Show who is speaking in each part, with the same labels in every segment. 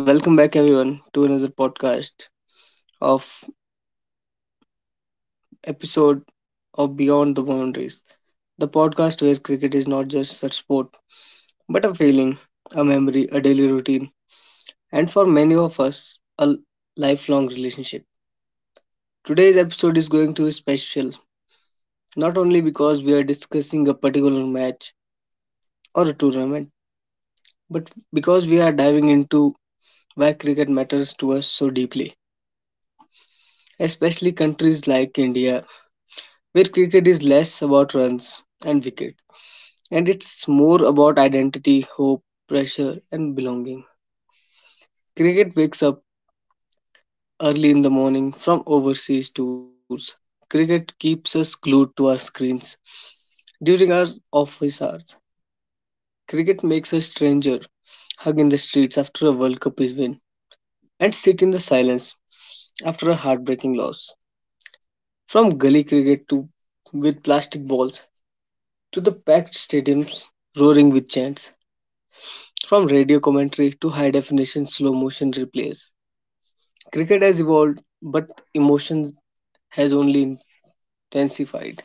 Speaker 1: Welcome back, everyone, to another podcast of episode of Beyond the Boundaries, the podcast where cricket is not just a sport, but a feeling, a memory, a daily routine, and for many of us, a lifelong relationship. Today's episode is going to be special, not only because we are discussing a particular match or a tournament, but because we are diving into why cricket matters to us so deeply, especially countries like India where cricket is less about runs and wicket and it's more about identity, hope, pressure, and belonging. Cricket wakes up early in the morning from overseas tours. Cricket keeps us glued to our screens during our office hours. Cricket makes a stranger hug in the streets after a World Cup is win and sit in the silence after a heartbreaking loss. From gully cricket to with plastic balls to the packed stadiums roaring with chants. From radio commentary to high definition slow motion replays, cricket has evolved, but emotion has only intensified.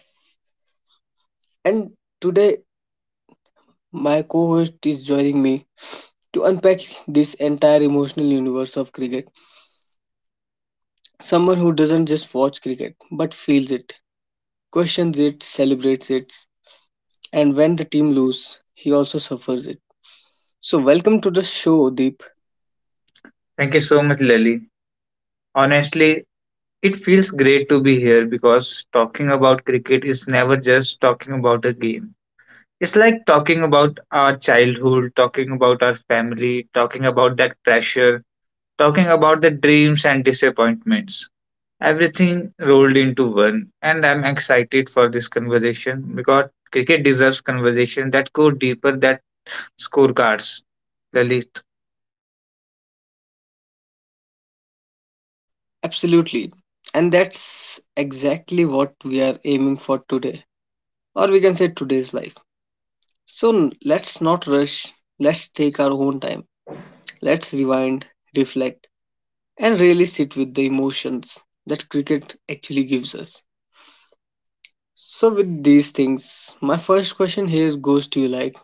Speaker 1: And today, my co host is joining me to unpack this entire emotional universe of cricket. Someone who doesn't just watch cricket, but feels it, questions it, celebrates it, and when the team loses, he also suffers it. So, welcome to the show, Deep.
Speaker 2: Thank you so much, Lily. Honestly, it feels great to be here because talking about cricket is never just talking about a game. It's like talking about our childhood, talking about our family, talking about that pressure, talking about the dreams and disappointments. Everything rolled into one, and I'm excited for this conversation because cricket deserves conversation that go deeper than scorecards. Lalit,
Speaker 1: Absolutely. And that's exactly what we are aiming for today or we can say today's life. So let's not rush, let's take our own time, let's rewind, reflect, and really sit with the emotions that cricket actually gives us. So, with these things, my first question here goes to you like,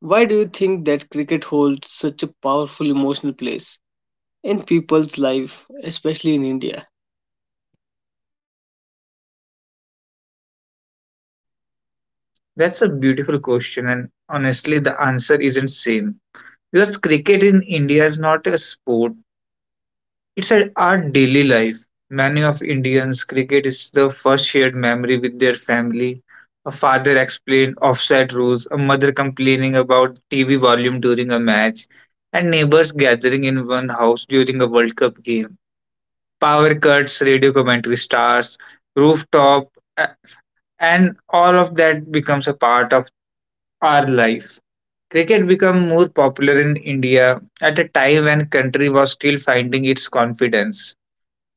Speaker 1: why do you think that cricket holds such a powerful emotional place in people's life, especially in India?
Speaker 2: that's a beautiful question, and honestly, the answer isn't same. Because cricket in India is not a sport, it's our daily life. Many of Indians, cricket is the first shared memory with their family. A father explained offside rules, a mother complaining about TV volume during a match, and neighbors gathering in one house during a World Cup game. Power cuts, radio commentary stars, rooftop, a- and all of that becomes a part of our life. Cricket became more popular in India at a time when country was still finding its confidence.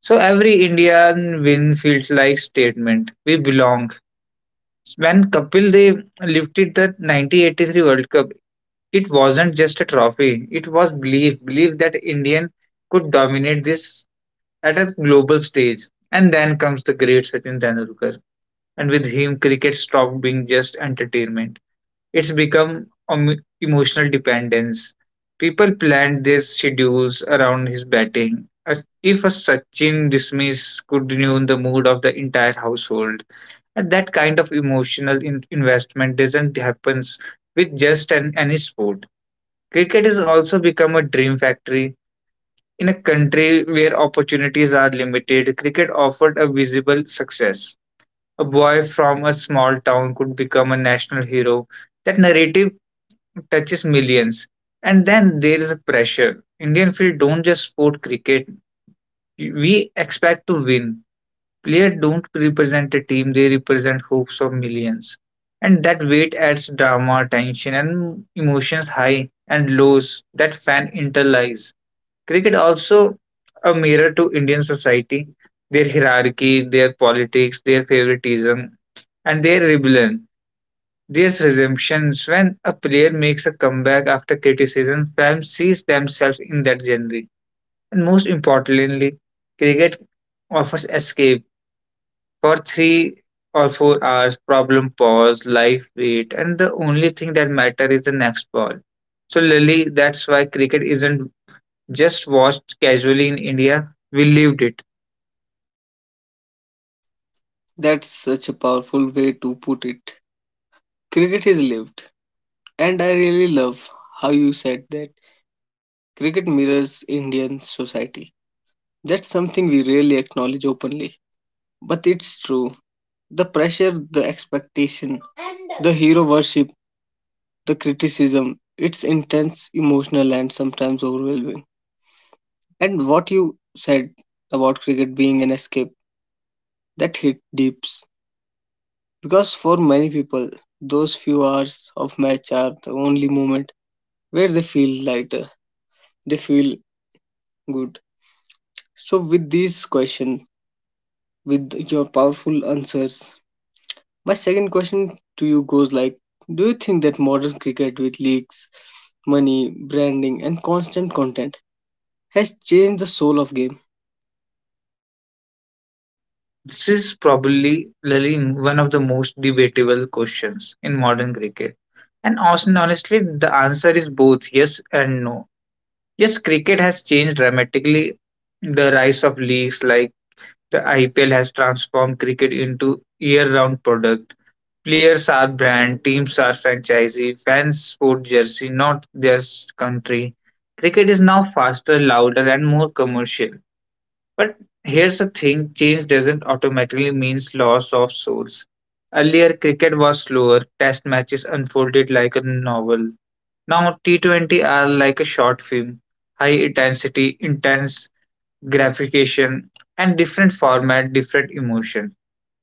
Speaker 2: So every Indian win feels like statement. We belong. When Kapil Dev lifted the 1983 World Cup, it wasn't just a trophy. It was belief, belief that Indian could dominate this at a global stage. And then comes the great Sachin Tendulkar, and with him, cricket stopped being just entertainment. It's become emotional dependence. People planned their schedules around his batting. If a Sachin dismiss could ruin the mood of the entire household, and that kind of emotional investment doesn't happen with just any sport. Cricket has also become a dream factory. In a country where opportunities are limited, cricket offered a visible success. A boy from a small town could become a national hero. That narrative touches millions. And then there is a pressure. Indian field don't just sport cricket. We expect to win. Players don't represent a team, they represent hopes of millions. And that weight adds drama, tension, and emotions high and lows that fan internalize. Cricket also a mirror to Indian society, their hierarchy, their politics, their favoritism, and their rebellion. There's redemption when a player makes a comeback after criticism, fans see themselves in that journey. And most importantly, cricket offers escape for 3 or 4 hours, problem pause, life wait, and the only thing that matters is the next ball. So, Lily, that's why cricket isn't just watched casually in India, we lived it.
Speaker 1: That's such a powerful way to put it. Cricket is lived, and I really love how you said that cricket mirrors Indian society. That's something we rarely acknowledge openly. But it's true. The pressure, the expectation, the hero worship, the criticism, it's intense, emotional, and sometimes overwhelming. And what you said about cricket being an escape, that hit deeps. Because for many people, those few hours of match are the only moment where they feel lighter, they feel good. So, with this question, with your powerful answers, my second question to you goes like, do you think that modern cricket with leagues, money, branding, and constant content has changed the soul of game?
Speaker 2: This is probably really one of the most debatable questions in modern cricket. And Austin, honestly, the answer is both yes and no. Yes, cricket has changed dramatically. The rise of leagues like the IPL has transformed cricket into year-round product. Players are brand, teams are franchisee, fans sport jersey, not their country. Cricket is now faster, louder, and more commercial. But here's the thing, change doesn't automatically mean loss of souls. Earlier, cricket was slower, test matches unfolded like a novel. Now, T20 are like a short film, high intensity, intense gratification, and different format, different emotion.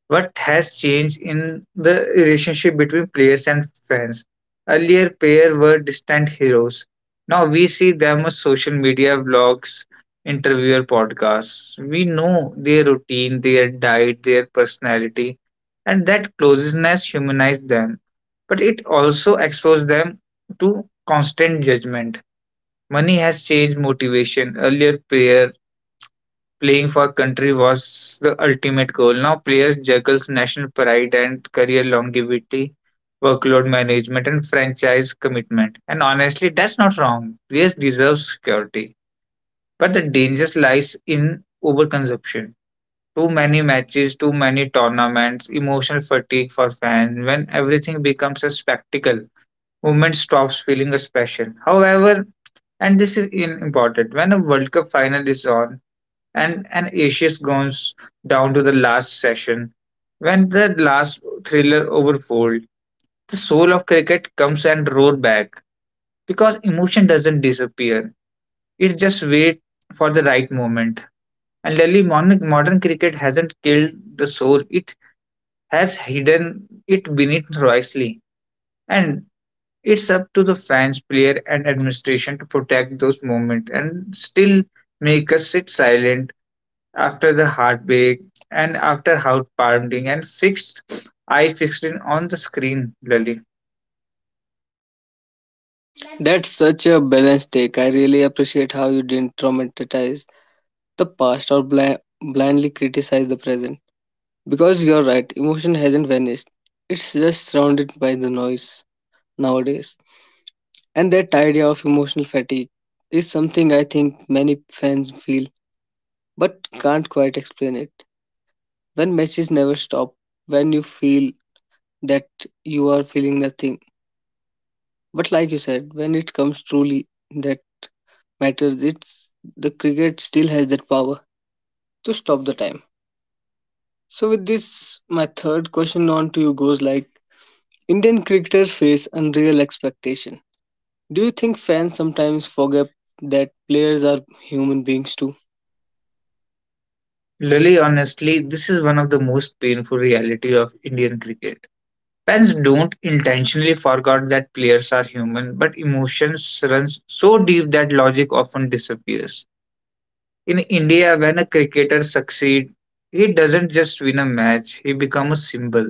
Speaker 2: What has changed in the relationship between players and fans? Earlier, players were distant heroes. Now we see them on social media blogs, interviewer podcasts. We know their routine, their diet, their personality, and that closeness humanized them. But it also exposed them to constant judgment. Money has changed motivation. Earlier, player Playing for country was the ultimate goal. Now players juggles national pride and career longevity, workload management and franchise commitment. And honestly, that's not wrong. Players deserve security. But the danger lies in overconsumption. Too many matches, too many tournaments, emotional fatigue for fans. When everything becomes a spectacle, movement stops feeling a special. However, and this is important, when a World Cup final is on, and an Asia's goes down to the last session. When the last thriller overfold, the soul of cricket comes and roar back because emotion doesn't disappear. It just waits for the right moment. And Lily, modern cricket hasn't killed the soul; it has hidden it beneath wisely. And it's up to the fans, player, and administration to protect those moments and still make us sit silent after the heartbreak and after heart pounding and fixed eye fixing on the screen, Lully.
Speaker 1: That's such a balanced take. I really appreciate how you didn't traumatize the past or blindly criticize the present. Because you're right, emotion hasn't vanished. It's just surrounded by the noise nowadays. And that idea of emotional fatigue is something I think many fans feel but can't quite explain it. When matches never stop, when you feel that you are feeling nothing. But like you said, when it comes truly that matters, it's the cricket still has that power to stop the time. So with this, my third question on to you goes like, Indian cricketers face unreal expectation. Do you think fans sometimes forget that players are human beings too?
Speaker 2: Lully, honestly, this is one of the most painful reality of Indian cricket. Fans don't intentionally forget that players are human, but emotions runs so deep that logic often disappears. In India, when a cricketer succeeds, he doesn't just win a match, he becomes a symbol.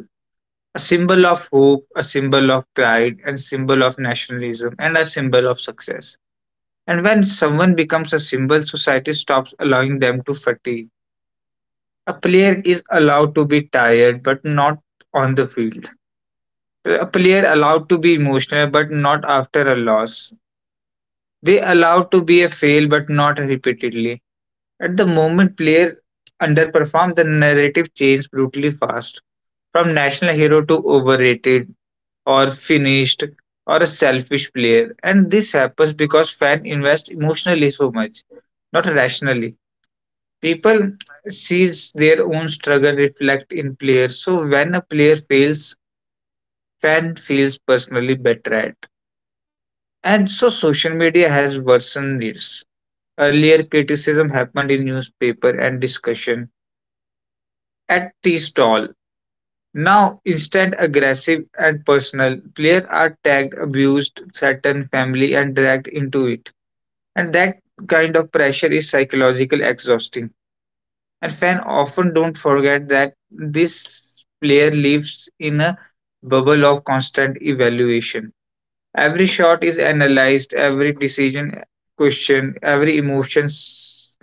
Speaker 2: A symbol of hope, a symbol of pride, and symbol of nationalism, and a symbol of success. And when someone becomes a symbol, society stops allowing them to fatigue. A player is allowed to be tired, but not on the field. A player allowed to be emotional, but not after a loss. They allowed to be a fail, but not repeatedly. At the moment player underperform, the narrative changes brutally fast. From national hero to overrated or finished or a selfish player. And this happens because fans invest emotionally so much, not rationally. People sees their own struggle reflect in players. So when a player fails, fan feels personally betrayed. And so social media has worsened this. Earlier criticism happened in newspaper and discussion at tea stall. Now instant aggressive and personal. Players are tagged, abused, threatened family and dragged into it. And that kind of pressure is psychological exhausting. And fans often don't forget that this player lives in a bubble of constant evaluation. Every shot is analyzed, every decision questioned, every emotions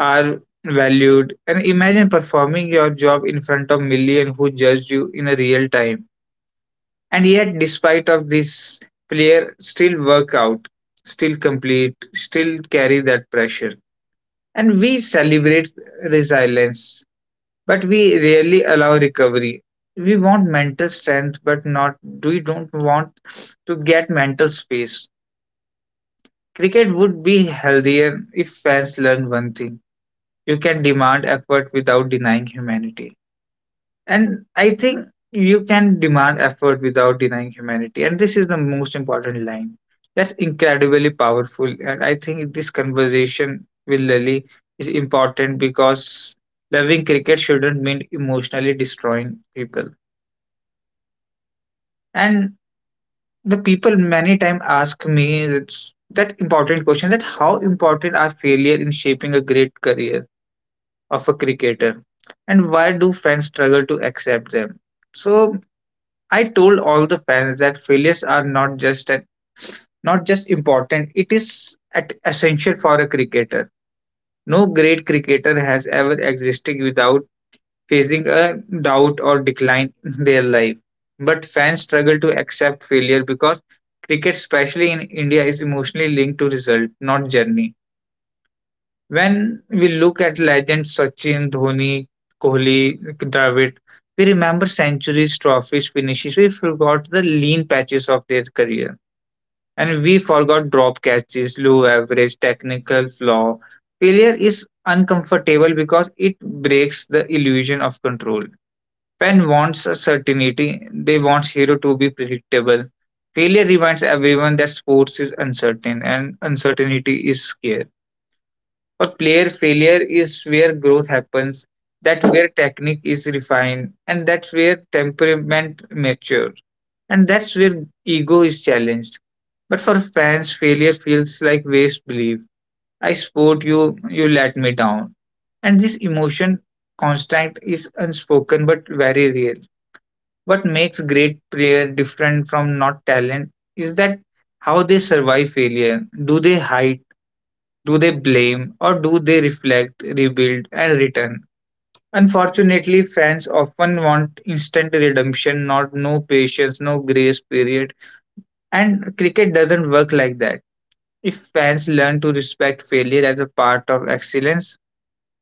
Speaker 2: are valued. And imagine performing your job in front of million who judge you in a real time. And yet, despite of this, player still work out, still complete, still carry that pressure. And we celebrate resilience but we rarely allow recovery. We want mental strength, but not, we don't want to get mental space. Cricket would be healthier if fans learn one thing: you can demand effort without denying humanity. And I think you can demand effort without denying humanity. And this is the most important line. That's incredibly powerful. And I think this conversation with Lily is important because loving cricket shouldn't mean emotionally destroying people. And the people many time ask me it's that important question that how important are failure in shaping a great career of a cricketer and why do fans struggle to accept them. So I told all the fans that failures are not just an not just important, it is at essential for a cricketer. No great cricketer has ever existed without facing a doubt or decline in their life. But fans struggle to accept failure because cricket, especially in India, is emotionally linked to result, not journey. When we look at legends Sachin, Dhoni, Kohli, Dravid, we remember centuries, trophies, finishes. We forgot the lean patches of their career. And we forgot drop catches, low average, technical flaw. Failure is uncomfortable because it breaks the illusion of control. Fan wants a certainty, they want hero to be predictable. Failure reminds everyone that sports is uncertain and uncertainty is scare. For player, failure is where growth happens, that's where technique is refined, and that's where temperament matures, and that's where ego is challenged. But for fans, failure feels like waste belief. I support you, you let me down. And this emotion constant is unspoken but very real. What makes great player different from not talent is that how they survive failure. Do they hide? Do they blame? Or do they reflect, rebuild, and return? Unfortunately, fans often want instant redemption, not no patience, no grace period. And cricket doesn't work like that. If fans learn to respect failure as a part of excellence,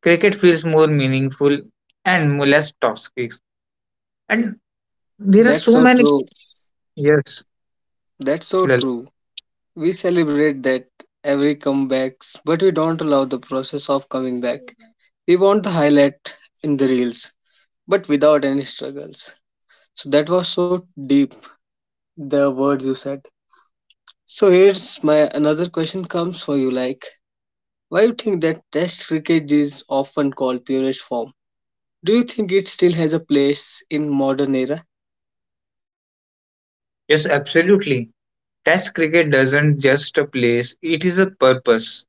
Speaker 2: cricket feels more meaningful and more less toxic. And there are
Speaker 1: That's
Speaker 2: so
Speaker 1: so
Speaker 2: many.
Speaker 1: true.
Speaker 2: Yes.
Speaker 1: That's so true. We celebrate that every comebacks, but we don't allow the process of coming back. We want the highlight in the reels, but without any struggles. So that was so deep, the words you said. So here's my another question comes for you like, why you think that test cricket is often called purest form? Do you think it still has a place in modern era?
Speaker 2: Yes, absolutely. Test cricket doesn't just a place, it is a purpose.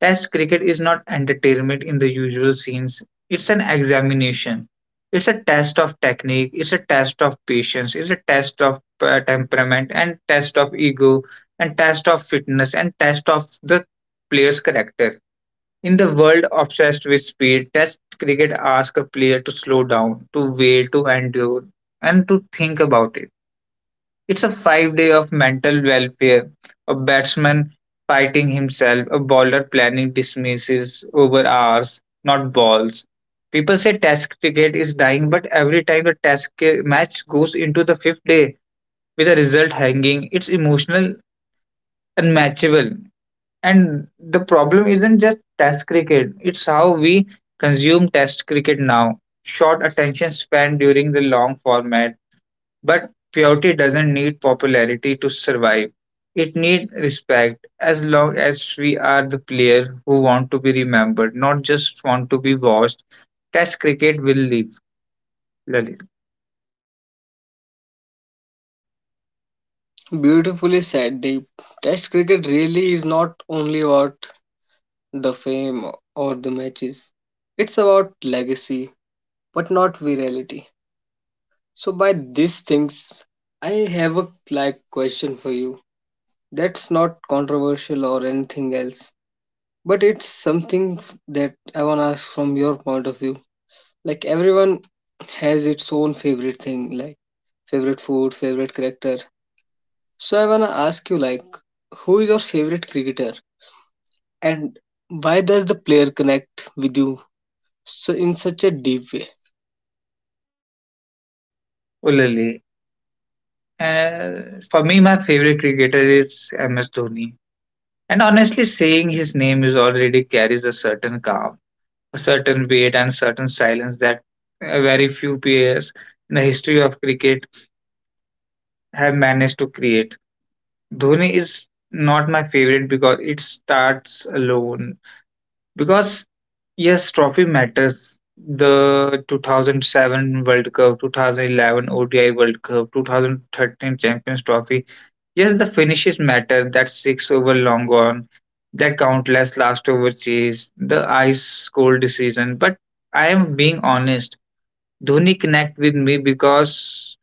Speaker 2: Test cricket is not entertainment in the usual sense. It's an examination. It's a test of technique, it's a test of patience, it's a test of temperament and test of ego and test of fitness and test of the player's character. In the world obsessed with speed, test cricket asks a player to slow down, to wait, to endure and to think about it. It's a 5 day of mental welfare, a batsman fighting himself, a bowler planning dismisses over hours, not balls. People say Test cricket is dying, but every time the Test match goes into the fifth day with a result hanging, it's emotional, unmatchable. And the problem isn't just Test cricket; it's how we consume Test cricket now. Short attention span during the long format, but purity doesn't need popularity to survive. It needs respect as long as we are the player who want to be remembered, not just want to be watched. Test cricket will live, Lalit.
Speaker 1: Beautifully said, Deep. Test cricket really is not only about the fame or the matches. It's about legacy, but not virality. So by these things, I have a like question for you. That's not controversial or anything else, but it's something that I wanna ask from your point of view. Like everyone has its own favorite thing, like favorite food, favorite character. So I wanna ask you, like, who is your favorite cricketer, and why does the player connect with you so in such a deep way.
Speaker 2: Ulali. For me, my favorite cricketer is MS Dhoni. And honestly, saying his name is already carries a certain calm, a certain weight, and certain silence that very few players in the history of cricket have managed to create. Dhoni is not my favorite because it starts alone. Because yes, trophy matters. The 2007 World Cup, 2011 ODI World Cup, 2013 Champions Trophy. Yes, the finishes matter. That six over long on, that countless last over chase, the ice cold decision. But I am being honest. Dhoni connect with me because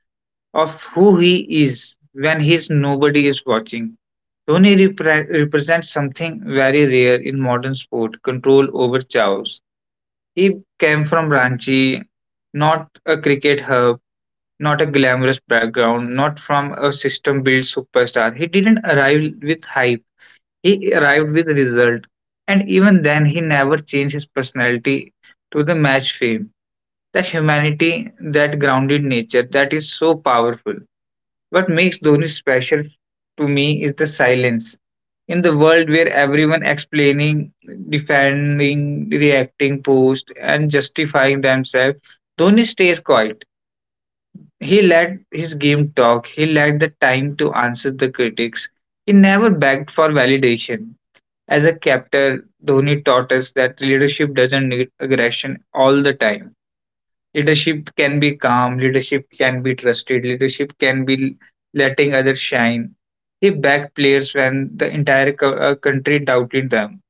Speaker 2: of who he is when his nobody is watching. Represents something very rare in modern sport control over chows. He came from Ranchi, not a cricket hub, not a glamorous background, not from a system built superstar. He didn't arrive with hype, he arrived with result. And even then, he never changed his personality to the match fame. That humanity, that grounded nature, that is so powerful. What makes Dhoni special to me is the silence. In the world where everyone explaining, defending, reacting, post, and justifying themselves, Dhoni stays quiet. He let his game talk. He let the time to answer the critics. He never begged for validation. As a captain, Dhoni taught us that leadership doesn't need aggression all the time. Leadership can be calm, leadership can be trusted, leadership can be letting others shine. He backed players when the entire country doubted them.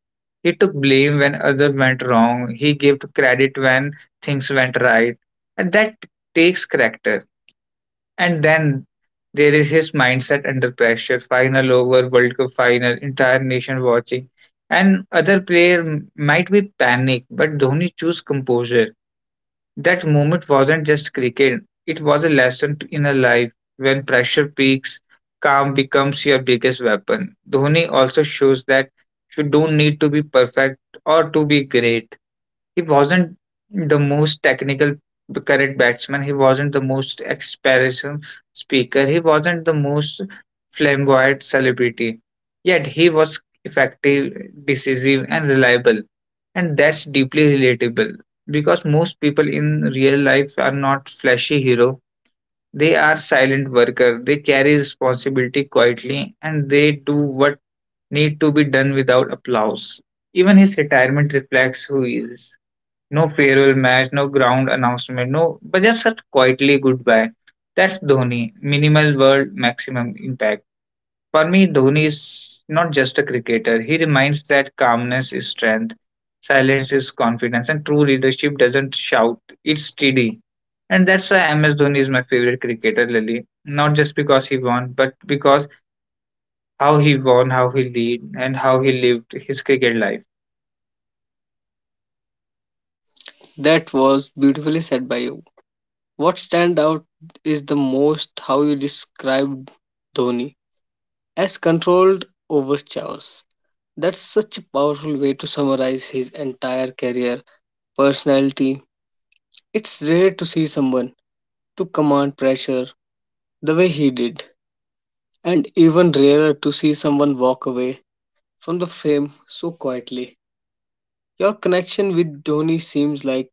Speaker 2: He took blame when others went wrong. He gave credit when things went right. And that takes character. And then there is his mindset under pressure. Final over, World Cup final, entire nation watching. And other might be panic, but Dhoni choose composure that moment wasn't just cricket, it was a lesson in a life. When pressure peaks, calm becomes your biggest weapon. Dhoni also shows that you don't need to be perfect or to be great. He wasn't the most technical correct batsman, he wasn't the most expression speaker, he wasn't the most flamboyant celebrity. Yet he was effective, decisive, and reliable. And that's deeply relatable because most people in real life are not flashy hero. They are silent worker. They carry responsibility quietly and they do what need to be done without applause. Even his retirement reflects who he is. No farewell match, no ground announcement, no but just a quietly goodbye. That's Dhoni. Minimal world, maximum impact. For me, Dhoni is not just a cricketer. He reminds that calmness is strength, silence is confidence, and true leadership doesn't shout, it's steady. And that's why MS Dhoni is my favorite cricketer, Lily. Not just because he won, but because how he won, how he lead, and how he lived his cricket life.
Speaker 1: That was beautifully said by you. What stand out is the most how you described Dhoni as controlled over chaos. That's such a powerful way to summarize his entire career, personality. It's rare to see someone to command pressure the way he did, and even rarer to see someone walk away from the fame so quietly. Your connection with Dhoni seems like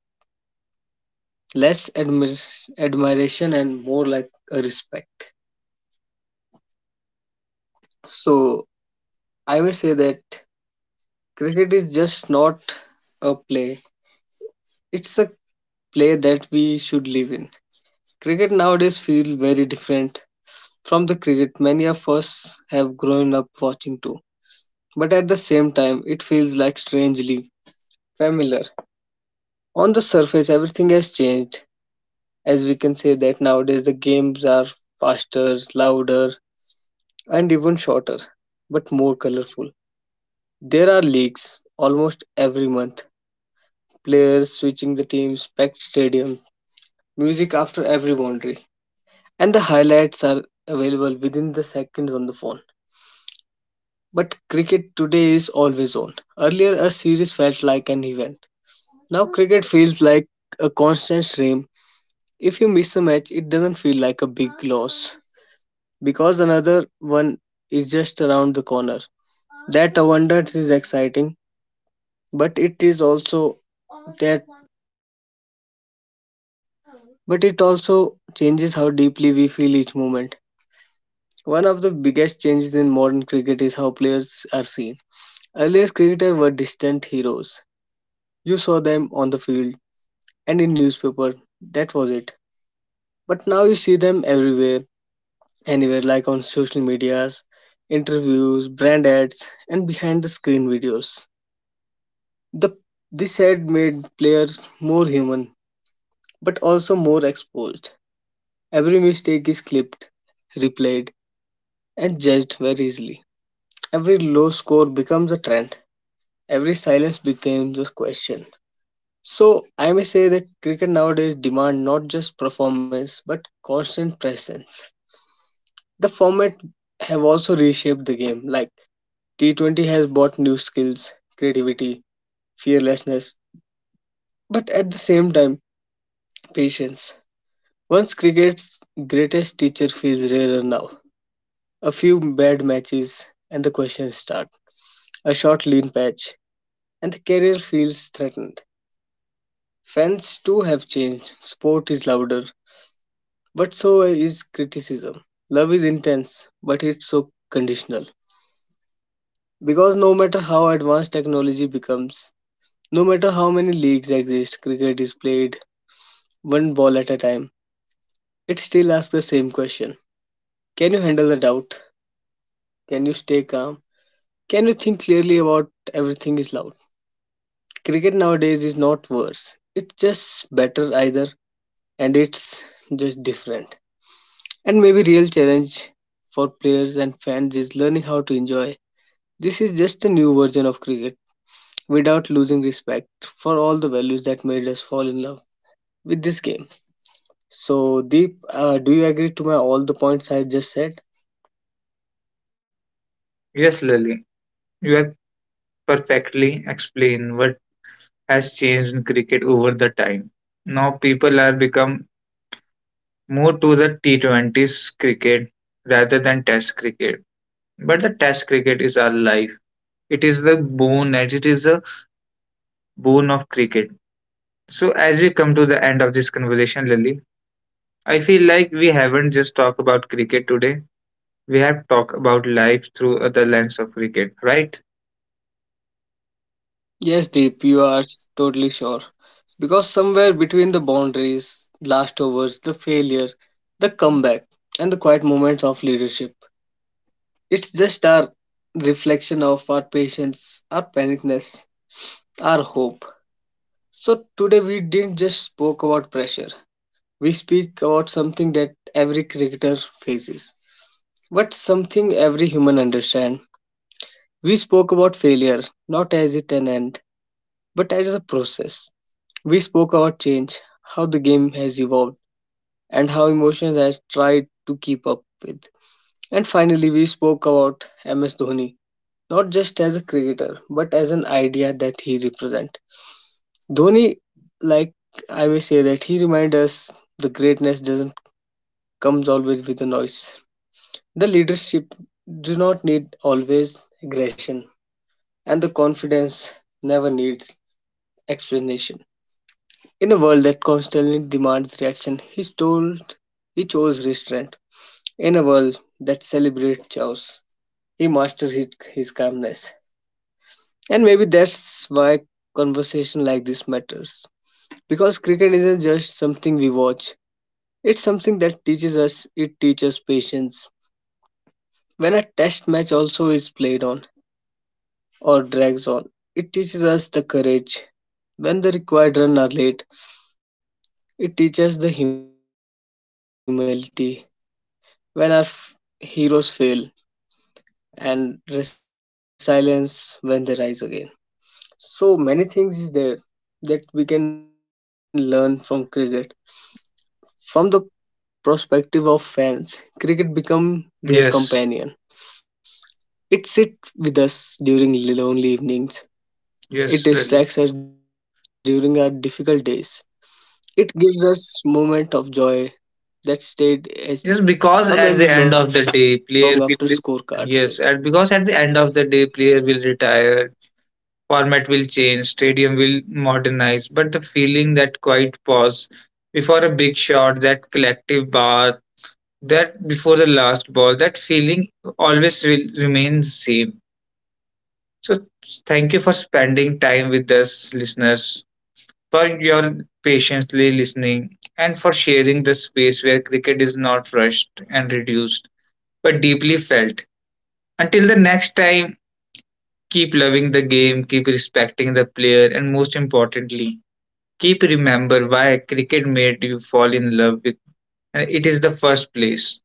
Speaker 1: less admiration and more like a respect. So I will say that cricket is just not a play. It's a play that we should live in. Cricket nowadays feels very different from the cricket many of us have grown up watching too. But at the same time, it feels like strangely familiar. On the surface, everything has changed, as we can say that nowadays the games are faster, louder, and even shorter, but more colorful. There are leaks almost every month, players switching the teams, packed stadium, music after every boundary, and the highlights are available within the seconds on the phone. But cricket today is always on. Earlier, a series felt like an event. Now, cricket feels like a constant stream. If you miss a match, it doesn't feel like a big loss because another one is just around the corner. That abundance is exciting, but it is also that but it also changes how deeply we feel each moment. One of the biggest changes in modern cricket is how players are seen. Earlier, cricketers were distant heroes. You saw them on the field and in newspaper. That was it. But now you see them everywhere, anywhere, like on social medias, interviews, brand ads, and behind the screen videos. The This ad made players more human, but also more exposed. Every mistake is clipped, replayed, and judged very easily. Every low score becomes a trend. Every silence becomes a question. So I may say that cricket nowadays demand not just performance but constant presence. The format have also reshaped the game. Like T20 has brought new skills, creativity, fearlessness, but at the same time patience. Once cricket's greatest teacher feels rarer now. A few bad matches and the questions start. A short lean patch and career feels threatened. Fans too have changed. Sport is louder, but so is criticism. Love is intense, but it's so conditional. Because no matter how advanced technology becomes, no matter how many leagues exist, cricket is played one ball at a time. It still asks the same question. Can you handle the doubt? Can you stay calm? Can you think clearly about everything is loud? Cricket nowadays is not worse. It's just better either, and it's just different. And maybe real challenge for players and fans is learning how to enjoy. This is just a new version of cricket without losing respect for all the values that made us fall in love with this game. So Deep, do you agree to my all the points I just said?
Speaker 2: Yes, Lily, you have perfectly explained what has changed in cricket over the time. Now people are become more to the T20s cricket rather than test cricket. But the test cricket is our life. It is the bone, and it is the bone of cricket. So, as we come to the end of this conversation, Lily, I feel like we haven't just talked about cricket today. We have talked about life through the lens of cricket, right?
Speaker 1: Yes, Deep, you are totally sure. Because somewhere between the boundaries, last overs, the failure, the comeback, and the quiet moments of leadership, it's just our reflection of our patience, our panicness, our hope. So today we didn't just spoke about pressure. We speak about something that every cricketer faces, but something every human understand. We spoke about failure, not as it an end, but as a process. We spoke about change, how the game has evolved, and how emotions has tried to keep up with. And finally, we spoke about MS Dhoni, not just as a cricketer, but as an idea that he represents. Dhoni, like I may say that he reminds us the greatness doesn't comes always with the noise. The leadership do not need always aggression, and the confidence never needs explanation. In a world that constantly demands reaction, he chose restraint. In a world that celebrates chaos, he mastered his calmness. And maybe that's why conversation like this matters. Because cricket isn't just something we watch. It's something that teaches us, it teaches patience. When a test match also is played on or drags on, it teaches us the courage. When the required run are late, it teaches the humility. When our heroes fail, and resilience when they rise again. So many things is there that we can learn from cricket. From the perspective of fans, cricket become their companion. It sits with us
Speaker 2: Yes,
Speaker 1: during lonely evenings. It distracts us during our difficult days.
Speaker 2: yes,
Speaker 1: It
Speaker 2: Lily.
Speaker 1: gives us moment of joy that stayed as a memory long after scorecards fade.
Speaker 2: Yes, because at the end of the day, player will. Yes, and because at the end of the day, player will retire, format will change, stadium will modernize, but the feeling that quiet pause before a big shot, that collective bar, that before the last ball, that feeling always will remain the same. So thank you for spending time with us, listeners, for your patiently listening, and for sharing the space where cricket is not rushed and reduced, but deeply felt. Until the next time, keep loving the game, keep respecting the player, and most importantly, keep remember why cricket made you fall in love with and it is the first place.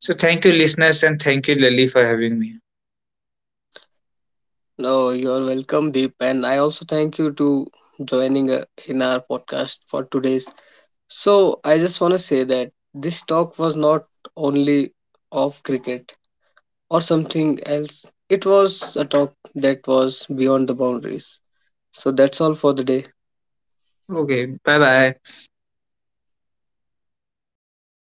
Speaker 2: So thank you listeners and thank you Lily for having me.
Speaker 1: No, you are welcome, Deep, and I also thank you to joining in our podcast for today's. So I just want say that this talk was not only of cricket or something else. It was a talk that was beyond the boundaries. So that's all for the day.
Speaker 2: Okay, bye bye.